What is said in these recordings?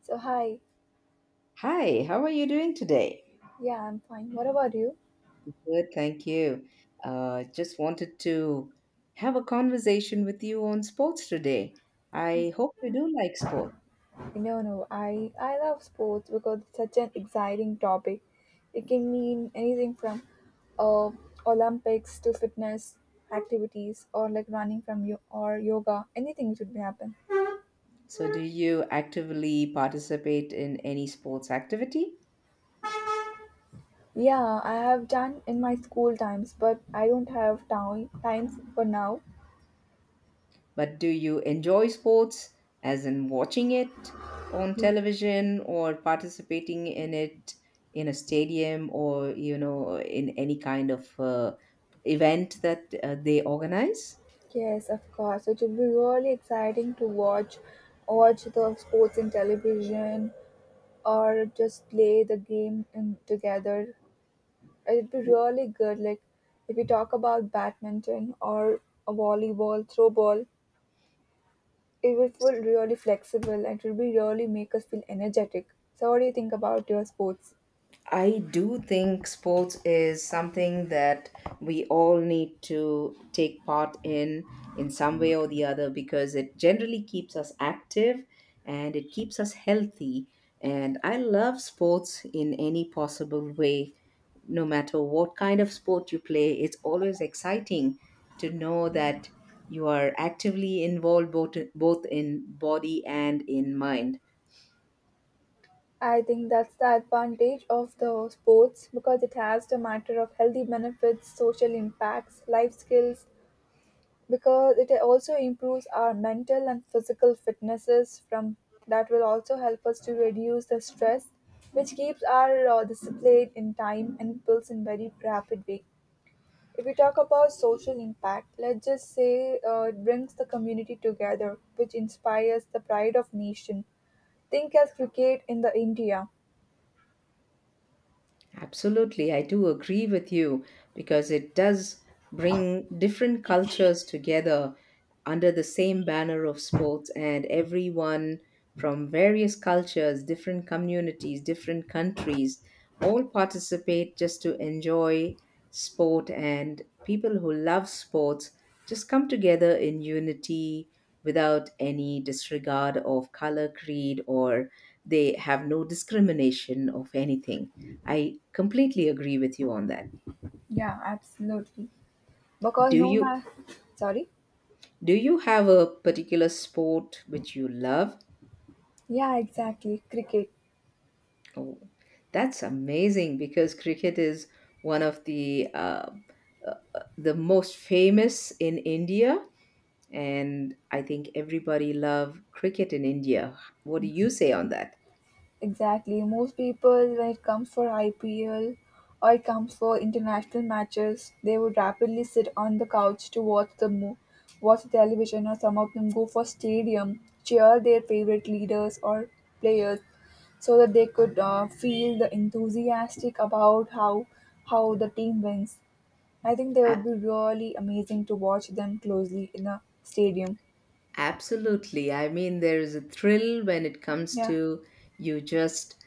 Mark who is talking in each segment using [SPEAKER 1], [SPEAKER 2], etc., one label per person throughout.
[SPEAKER 1] So hi,
[SPEAKER 2] Hi, how are you doing today?
[SPEAKER 1] yeah, I'm fine. What about you?
[SPEAKER 2] Good, thank you. Just wanted to have a conversation with you on sports today. I hope you do like sports.
[SPEAKER 1] No, no, I love sports because it's such an exciting topic. It can mean anything from uh, Olympics to fitness activities or like running from you or yoga. Anything should be happen.
[SPEAKER 2] So, do you actively participate in any sports activity?
[SPEAKER 1] Yeah, I have done in my school times, but I don't have time times for now.
[SPEAKER 2] But do you enjoy sports, as in watching it on television or participating in it in a stadium or, you know, in any kind of event that they organize?
[SPEAKER 1] Yes, of course. It will be really exciting to watch the sports in television or just play the game in, together. It'd be really good. Like if we talk about badminton or a volleyball, throw ball, it will feel really flexible and it will be really make us feel energetic. So what do you think about your sports?
[SPEAKER 2] I do think sports is something that we all need to take part in some way or the other because it generally keeps us active and it keeps us healthy. And I love sports in any possible way. No matter what kind of sport you play, it's always exciting to know that you are actively involved both in body and in mind.
[SPEAKER 1] I think that's the advantage of the sports because it has the matter of healthy benefits, social impacts, life skills, because it also improves our mental and physical fitnesses from that will also help us to reduce the stress, which keeps our discipline in time and builds in very rapid way. If we talk about social impact, let's just say it brings the community together, which inspires the pride of nation, think as cricket in the India.
[SPEAKER 2] Absolutely, I do agree with you because it does bring different cultures together under the same banner of sports, and everyone from various cultures, different communities, different countries all participate just to enjoy sport. And people who love sports just come together in unity without any disregard of color, creed, or they have no discrimination of anything. I completely agree with you on that.
[SPEAKER 1] Yeah, absolutely, because
[SPEAKER 2] Do
[SPEAKER 1] no
[SPEAKER 2] you
[SPEAKER 1] matter, sorry,
[SPEAKER 2] do you have a particular sport which you love?
[SPEAKER 1] yeah, exactly, cricket.
[SPEAKER 2] Oh, that's amazing because cricket is one of the most famous in India, and I think everybody love cricket in India. What do you say on
[SPEAKER 1] Exactly.
[SPEAKER 2] that?
[SPEAKER 1] Exactly. Most people, when it comes for IPL or it comes for international matches, they would rapidly sit on the couch to watch the television, or some of them go for stadium, cheer their favorite leaders or players, so that they could feel the enthusiastic about how the team wins. I think they
[SPEAKER 2] A-
[SPEAKER 1] would be really amazing to watch them closely in a stadium.
[SPEAKER 2] Absolutely. I mean, there is a thrill when it comes
[SPEAKER 1] Yeah.
[SPEAKER 2] to you just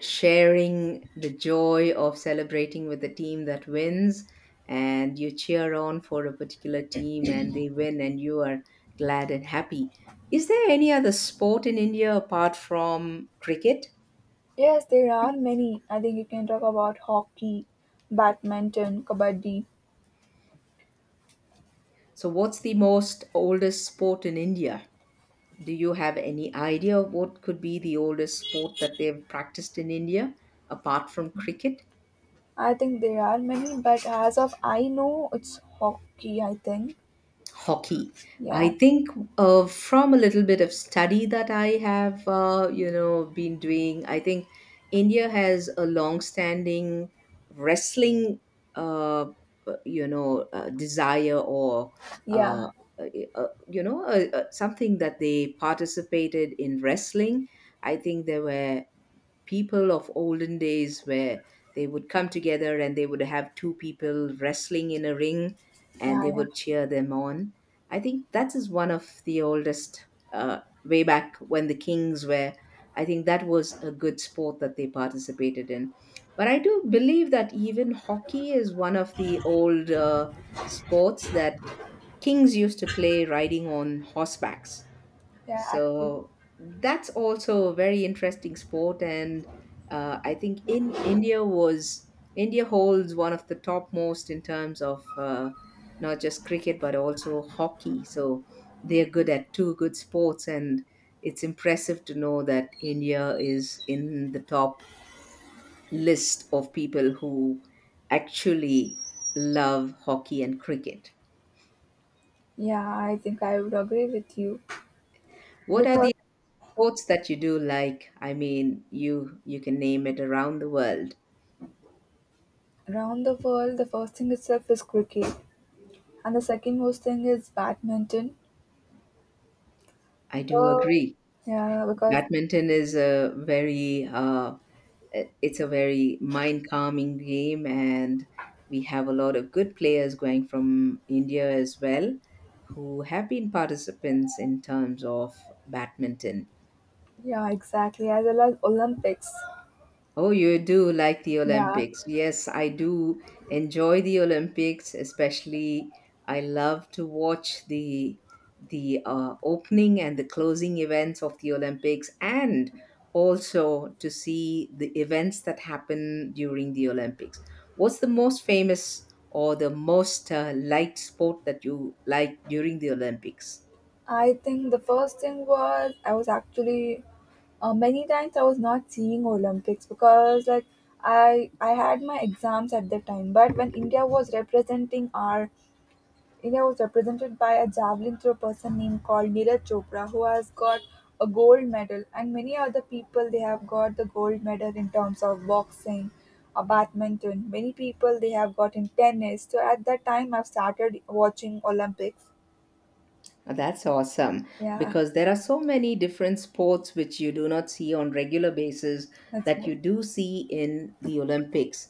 [SPEAKER 2] sharing the joy of celebrating with the team that wins and you cheer on for a particular team and they win and you are glad and happy. Is there any other sport in India apart from cricket?
[SPEAKER 1] Yes, there are many. I think you can talk about hockey, badminton, kabaddi.
[SPEAKER 2] So, what's the most oldest sport in India? Do you have any idea of what could be the oldest sport that they've practiced in India apart from cricket?
[SPEAKER 1] I think there are many, but as of I know, it's hockey, I think.
[SPEAKER 2] Hockey. I
[SPEAKER 1] Yeah,
[SPEAKER 2] think from a little bit of study that I have, been doing, I think India has a long-standing wrestling, uh, desire or
[SPEAKER 1] yeah,
[SPEAKER 2] uh, uh, something that they participated in wrestling. I think there were people of olden days where they would come together and they would have two people wrestling in a ring
[SPEAKER 1] yeah,
[SPEAKER 2] and they
[SPEAKER 1] yeah,
[SPEAKER 2] would cheer them on. I think that is one of the oldest, way back when the kings were. I think that was a good sport that they participated in. But I do believe that even hockey is one of the old sports that kings used to play riding on horsebacks,
[SPEAKER 1] yeah, actually.
[SPEAKER 2] so that's also a very interesting sport, and I think in India was India holds one of the top most in terms of not just cricket but also hockey. So they're good at two good sports, and it's impressive to know that India is in the top list of people who actually love hockey and cricket.
[SPEAKER 1] Yeah, I think I would agree with you.
[SPEAKER 2] What are the
[SPEAKER 1] Because
[SPEAKER 2] sports that you do like? I mean, you can name it around the world.
[SPEAKER 1] around the world, the first thing itself is cricket, and the second most thing is badminton.
[SPEAKER 2] I do
[SPEAKER 1] Uh,
[SPEAKER 2] agree.
[SPEAKER 1] yeah, because,
[SPEAKER 2] Badminton is a very it's a very mind calming game, and we have a lot of good players going from India as well, who have been participants in terms of badminton.
[SPEAKER 1] yeah, exactly, as well as Olympics.
[SPEAKER 2] Oh, you do like the
[SPEAKER 1] Yeah,
[SPEAKER 2] Olympics. Yes, I do enjoy the Olympics, especially I love to watch the opening and the closing events of the Olympics and also to see the events that happen during the Olympics. What's the most famous or the most liked sport that you like during the Olympics?
[SPEAKER 1] I think the first thing was I was actually many times I was not seeing Olympics because like I had my exams at that time. But when India was representing our India was represented by a javelin throw person named called Neeraj Chopra who has got a gold medal and many other people they have got the gold medal in terms of boxing, badminton. Many people they have got in tennis. So at that time I've started watching Olympics.
[SPEAKER 2] That's awesome
[SPEAKER 1] Yeah,
[SPEAKER 2] because there are so many different sports which you do not see on regular basis
[SPEAKER 1] that's
[SPEAKER 2] that you
[SPEAKER 1] what.
[SPEAKER 2] do see in the Olympics.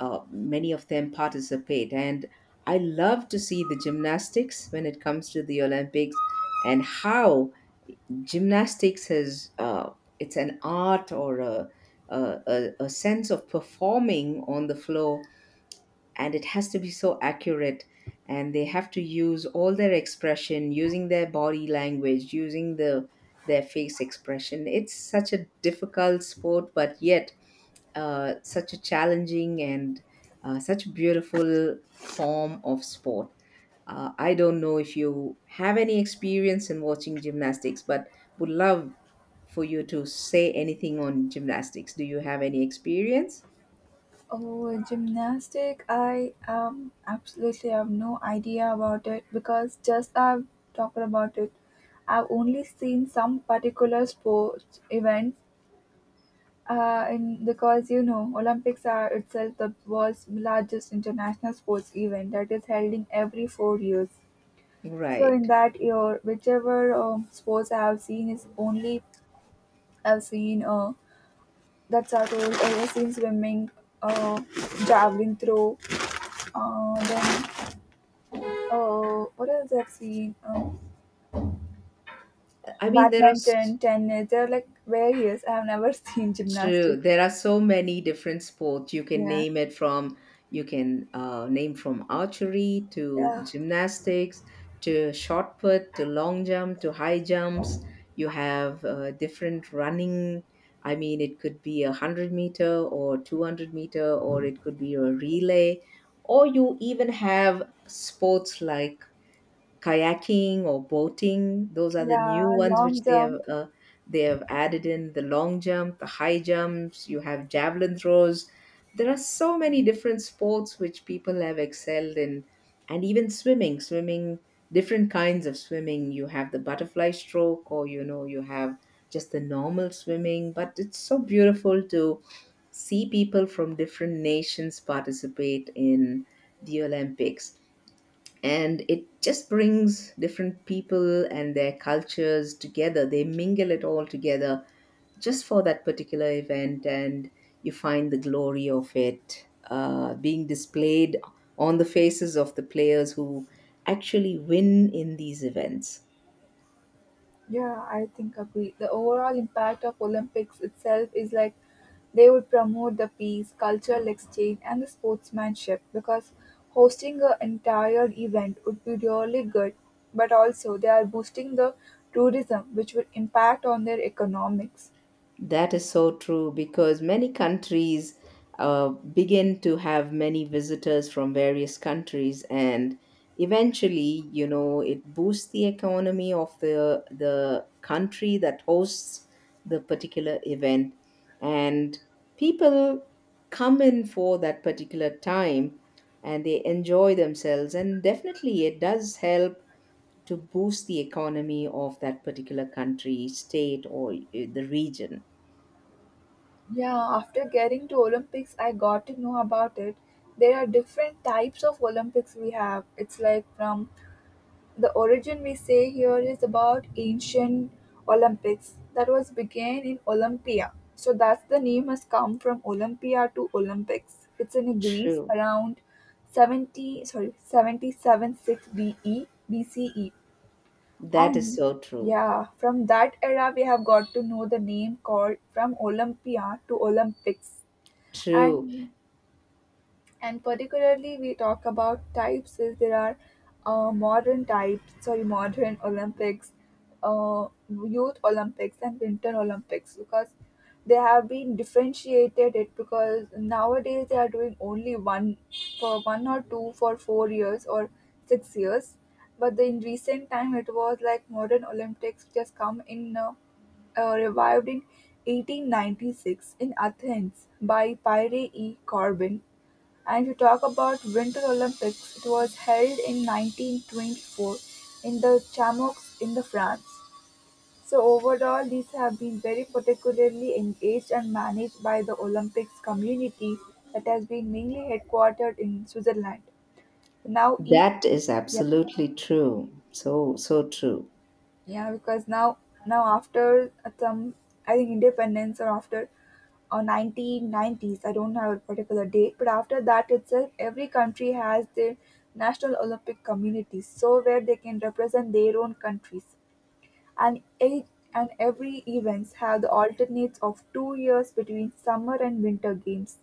[SPEAKER 2] Many of them participate, and I love to see the gymnastics when it comes to the Olympics and how gymnastics has it's an art or a sense of performing on the floor, and it has to be so accurate, and they have to use all their expression using their body language, using the their face expression. It's such a difficult sport, but yet such a challenging and such a beautiful form of sport. I don't know if you have any experience in watching gymnastics, but would love for you to say anything on gymnastics. Do you have any experience?
[SPEAKER 1] Oh, gymnastic! I absolutely have no idea about it because just I've talked about it. I've only seen some particular sports events. And because Olympics are itself the world's largest international sports event that is held in every 4 years. So in
[SPEAKER 2] Right.
[SPEAKER 1] that year, whichever sports I have seen is only I've seen that's our role. I've seen swimming, uh, javelin throw, then oh, what else I've seen?
[SPEAKER 2] I mean, there are
[SPEAKER 1] Badminton, tennis. They're like various. I've never seen
[SPEAKER 2] true.
[SPEAKER 1] gymnastics.
[SPEAKER 2] There are so many different sports. You can
[SPEAKER 1] Yeah,
[SPEAKER 2] name it from, you can name from archery to
[SPEAKER 1] yeah,
[SPEAKER 2] gymnastics to shot put to long jump to high jumps. You have different running. I mean, it could be a 100-meter meter or 200-meter meter, or it could be a relay, or you even have sports like kayaking or boating. Those are the
[SPEAKER 1] yeah.
[SPEAKER 2] new ones
[SPEAKER 1] Long
[SPEAKER 2] which
[SPEAKER 1] jump.
[SPEAKER 2] they have added in the long jump, the high jumps. You have javelin throws. There are so many different sports which people have excelled in, and even swimming. Swimming, different kinds of swimming. You have the butterfly stroke, or you know, you have just the normal swimming. But it's so beautiful to see people from different nations participate in the Olympics, and it just brings different people and their cultures together. They mingle it all together just for that particular event, and you find the glory of it being displayed on the faces of the players who actually win in these events.
[SPEAKER 1] Yeah, I think agree. The overall impact of Olympics itself is like they would promote the peace, cultural exchange, and the sportsmanship because hosting an entire event would be really good. But also, they are boosting the tourism, which would impact on their economics.
[SPEAKER 2] That is so true because many countries begin to have many visitors from various countries, and eventually, it boosts the economy of the country that hosts the particular event, and people come in for that particular time, and they enjoy themselves, and definitely, it does help to boost the economy of that particular country, state, or the region.
[SPEAKER 1] Yeah, after getting to Olympics, I got to know about it. There are different types of Olympics we have. It's like from the origin we say here is about ancient Olympics that was began in Olympia. So that's the name has come from Olympia to Olympics. It's in Greece
[SPEAKER 2] True.
[SPEAKER 1] around 70, sorry, 77 6 B. E B C. E.
[SPEAKER 2] That is
[SPEAKER 1] and
[SPEAKER 2] so true.
[SPEAKER 1] yeah, from that era, we have got to know the name called from Olympia to Olympics.
[SPEAKER 2] True.
[SPEAKER 1] And. And particularly we talk about types is there are modern types, sorry, modern Olympics, youth Olympics and winter Olympics, because they have been differentiated it because nowadays they are doing only one for one or two for 4 years or 6 years. But in recent time it was like modern Olympics just come in revived in 1896 in Athens by Pyre E. Corbin, and if you talk about Winter Olympics, it was held in 1924 in the Chamonix in the France. So overall, these have been very particularly engaged and managed by the Olympics community that has been mainly headquartered in Switzerland. Now each,
[SPEAKER 2] That is
[SPEAKER 1] yeah.
[SPEAKER 2] absolutely true. So, so true.
[SPEAKER 1] Yeah, because now after some I think independence or after 1990s, I don't have a particular date, but after that itself, every country has their national Olympic communities, so where they can represent their own countries, and eight and every events have the alternates of 2 years between summer and winter games.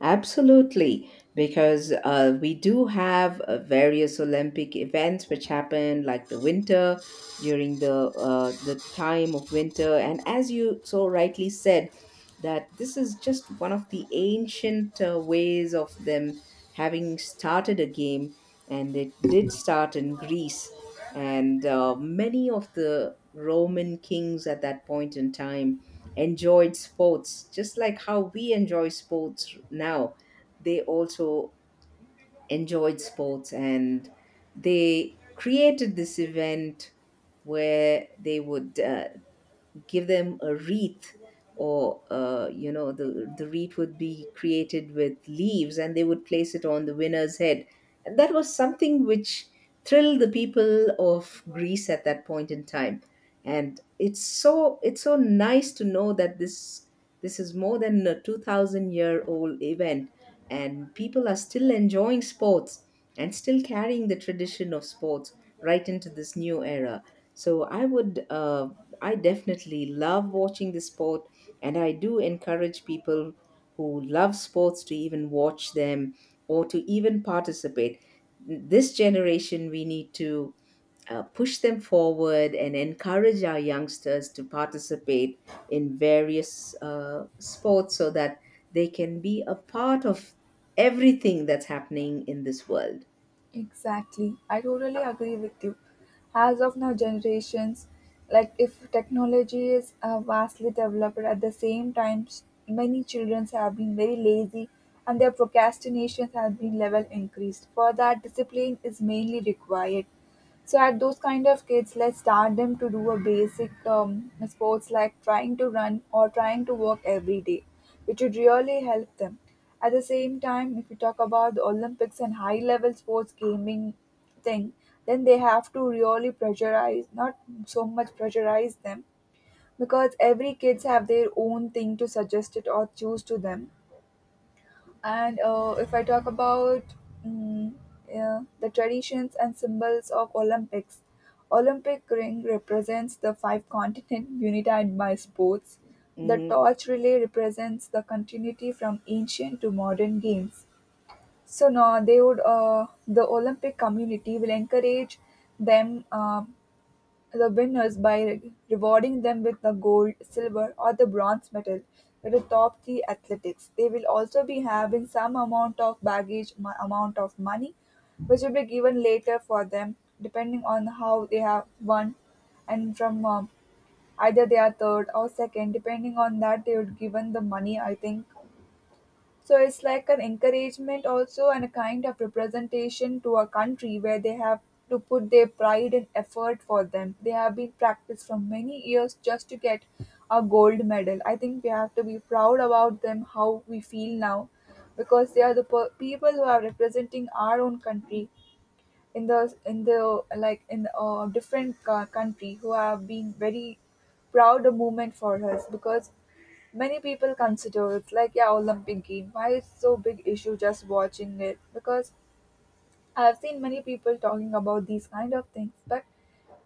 [SPEAKER 2] Absolutely, because we do have various Olympic events which happen like the winter during the time of winter, and as you so rightly said, that this is just one of the ancient ways of them having started a game, and it did start in Greece, and many of the Roman kings at that point in time enjoyed sports just like how we enjoy sports now. They also enjoyed sports, and they created this event where they would give them a wreath or the wreath would be created with leaves, and they would place it on the winner's head, and that was something which thrilled the people of Greece at that point in time. And it's so nice to know that this is more than a 2,000-year year old event, and people are still enjoying sports and still carrying the tradition of sports right into this new era. So I would I definitely love watching the sport, and I do encourage people who love sports to even watch them or to even participate. This generation, we need to push them forward and encourage our youngsters to participate in various sports so that they can be a part of everything that's happening in this world.
[SPEAKER 1] Exactly. I totally agree with you. As of now, generations, like if technology is vastly developed at the same time, many children have been very lazy and their procrastination has been level increased. For that, discipline is mainly required. So at those kind of kids, let's start them to do a basic sports like trying to run or trying to walk every day, which would really help them. At the same time, if you talk about the Olympics and high level sports gaming thing, then they have to really pressurize, not so much pressurize them, because every kids have their own thing to suggest it or choose to them and if I talk about mm, yeah, the traditions and symbols of Olympics, Olympic ring represents the five continent united by sports. The
[SPEAKER 2] Mhm.
[SPEAKER 1] torch relay represents the continuity from ancient to modern games. So now they would the Olympic community will encourage them. The winners by rewarding them with the gold, silver, or the bronze medal at the top three athletics. They will also be having some amount of baggage, amount of money, which will be given later for them, depending on how they have won, and from either they are third or second, depending on that they would given the money. I think so it's like an encouragement also and a kind of representation to a country where they have to put their pride and effort for them. They have been practiced for many years just to get a gold medal. I think we have to be proud about them, how we feel now, because they are the people who are representing our own country in the like in a different country who have been very proud moment for us. Because many people consider it's like yeah Olympic game. Why it's so big issue just watching it? Because I've seen many people talking about these kind of things, but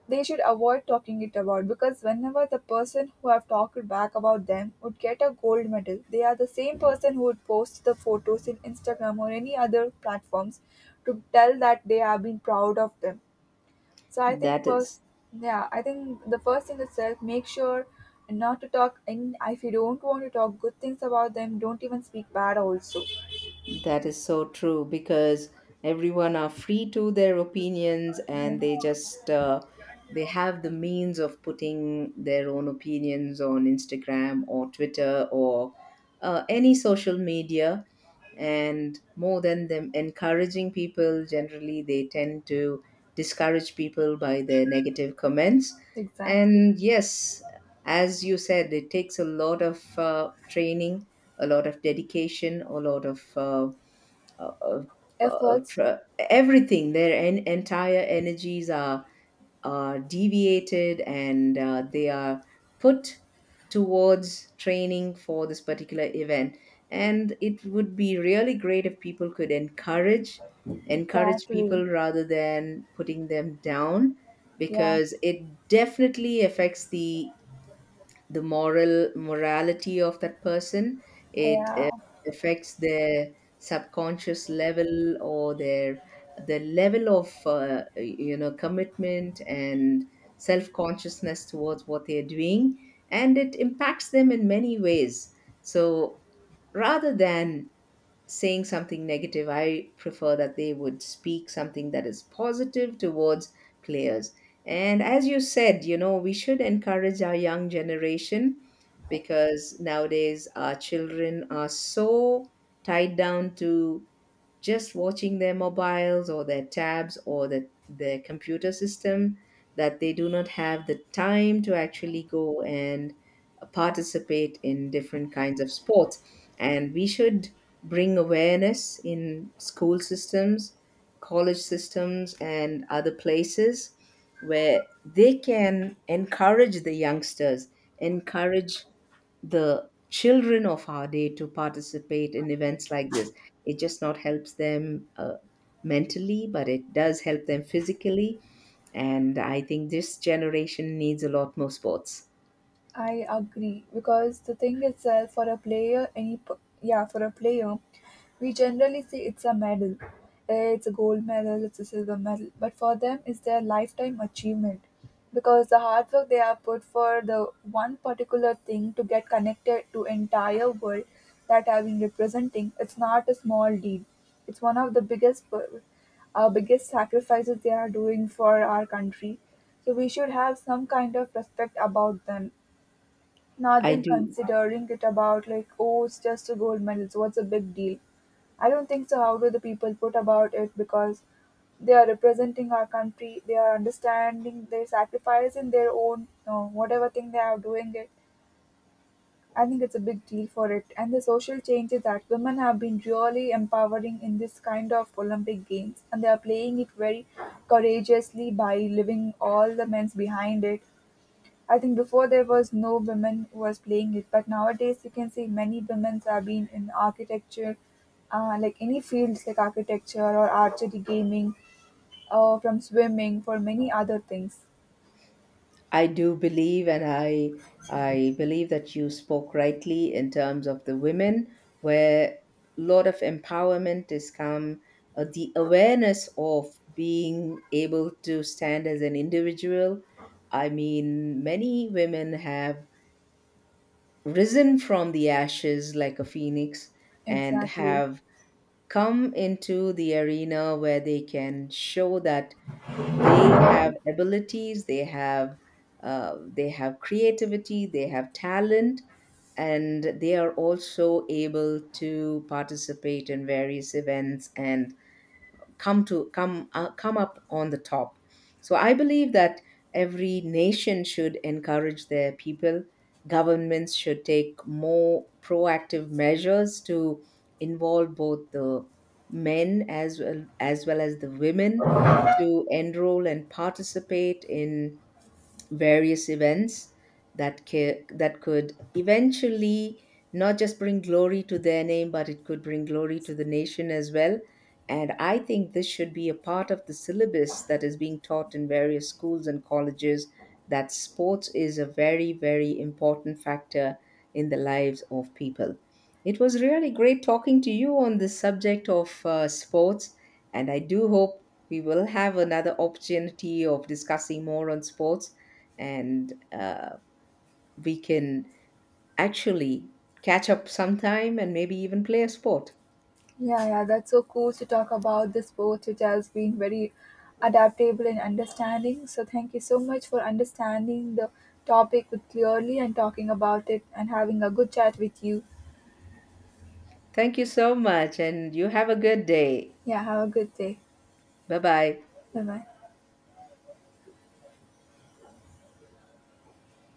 [SPEAKER 1] they should avoid talking it about because whenever the person who have talked back about them would get a gold medal, they are the same person who would post the photos in Instagram or any other platforms to tell that they have been proud of them. So I think
[SPEAKER 2] That is
[SPEAKER 1] first, yeah, I think the first thing itself, make sure not to talk. And if you don't want to talk good things about them, don't even speak bad. Also,
[SPEAKER 2] That is so true because everyone are free to their opinions, and they just they have the means of putting their own opinions on Instagram or Twitter or any social media, and more than them encouraging people, generally they tend to discourage people by their negative comments.
[SPEAKER 1] exactly.
[SPEAKER 2] And yes, as you said, it takes a lot of training, a lot of dedication, a lot of uh, of, of
[SPEAKER 1] Efforts,
[SPEAKER 2] uh, everything. Their entire energies are deviated, and they are put towards training for this particular event, and it would be really great if people could encourage
[SPEAKER 1] exactly.
[SPEAKER 2] people rather than putting them down,
[SPEAKER 1] Yeah,
[SPEAKER 2] because it definitely affects the morality of that person. It
[SPEAKER 1] yeah.
[SPEAKER 2] affects their subconscious level or the level of commitment and self consciousness towards what they are doing, and it impacts them in many ways. So rather than saying something negative, I prefer that they would speak something that is positive towards players. And as you said, you know, we should encourage our young generation, because nowadays our children are so tied down to just watching their mobiles or their tabs or their computer system, that they do not have the time to actually go and participate in different kinds of sports. And we should bring awareness in school systems, college systems, and other places where they can encourage the youngsters, encourage the children of our day to participate in events like this. It just not helps them mentally, but it does help them physically. And I think this generation needs a lot more sports.
[SPEAKER 1] I agree because the thing itself for a player, yeah, for a player, we generally say it's a medal, eh, it's a gold medal, it's a silver medal, but for them, it's their lifetime achievement because the hard work they have put for the one particular thing to get connected to entire world that I've been representing, it's not a small deed. It's one of the biggest, our biggest sacrifices they are doing for our country. So we should have some kind of respect about them, not
[SPEAKER 2] I
[SPEAKER 1] them
[SPEAKER 2] do
[SPEAKER 1] considering it about like, oh, it's just a gold medal, so what's a big deal? I don't think so. How do the people put about it? Because they are representing our country. They are understanding their sacrifice in their own whatever thing they are doing it. I think it's a big deal for it. And the social changes that women have been really empowering in this kind of Olympic games, and they are playing it very courageously by leaving all the men's behind it. I think before there was no women who was playing it, but nowadays you can see many women's have been in architecture, like any fields like architecture or archery, gaming, from swimming for many other things.
[SPEAKER 2] I do believe, and I believe that you spoke rightly in terms of the women, where a lot of empowerment is come. The awareness of being able to stand as an individual. I mean, many women have risen from the ashes like a phoenix and
[SPEAKER 1] Exactly.
[SPEAKER 2] have come into the arena where they can show that they have abilities, they have creativity, they have talent, and they are also able to participate in various events and come to come come up on the top. So I believe that every nation should encourage their people. Governments should take more proactive measures to involve both the men as well as the women to enroll and participate in various events that that could eventually not just bring glory to their name, but it could bring glory to the nation as well. And I think this should be a part of the syllabus that is being taught in various schools and colleges, that sports is a very very important factor in the lives of people. It was really great talking to you on the subject of sports, and I do hope we will have another opportunity of discussing more on sports, and we can actually catch up sometime and maybe even play a sport.
[SPEAKER 1] Yeah, yeah, that's so cool to talk about this sport, which has been very adaptable and understanding. So thank you so much for understanding the topic with clearly and talking about it and having a good chat with you.
[SPEAKER 2] Thank you so much, and you have a good day.
[SPEAKER 1] Yeah, have a good day.
[SPEAKER 2] Bye bye.
[SPEAKER 1] Bye bye.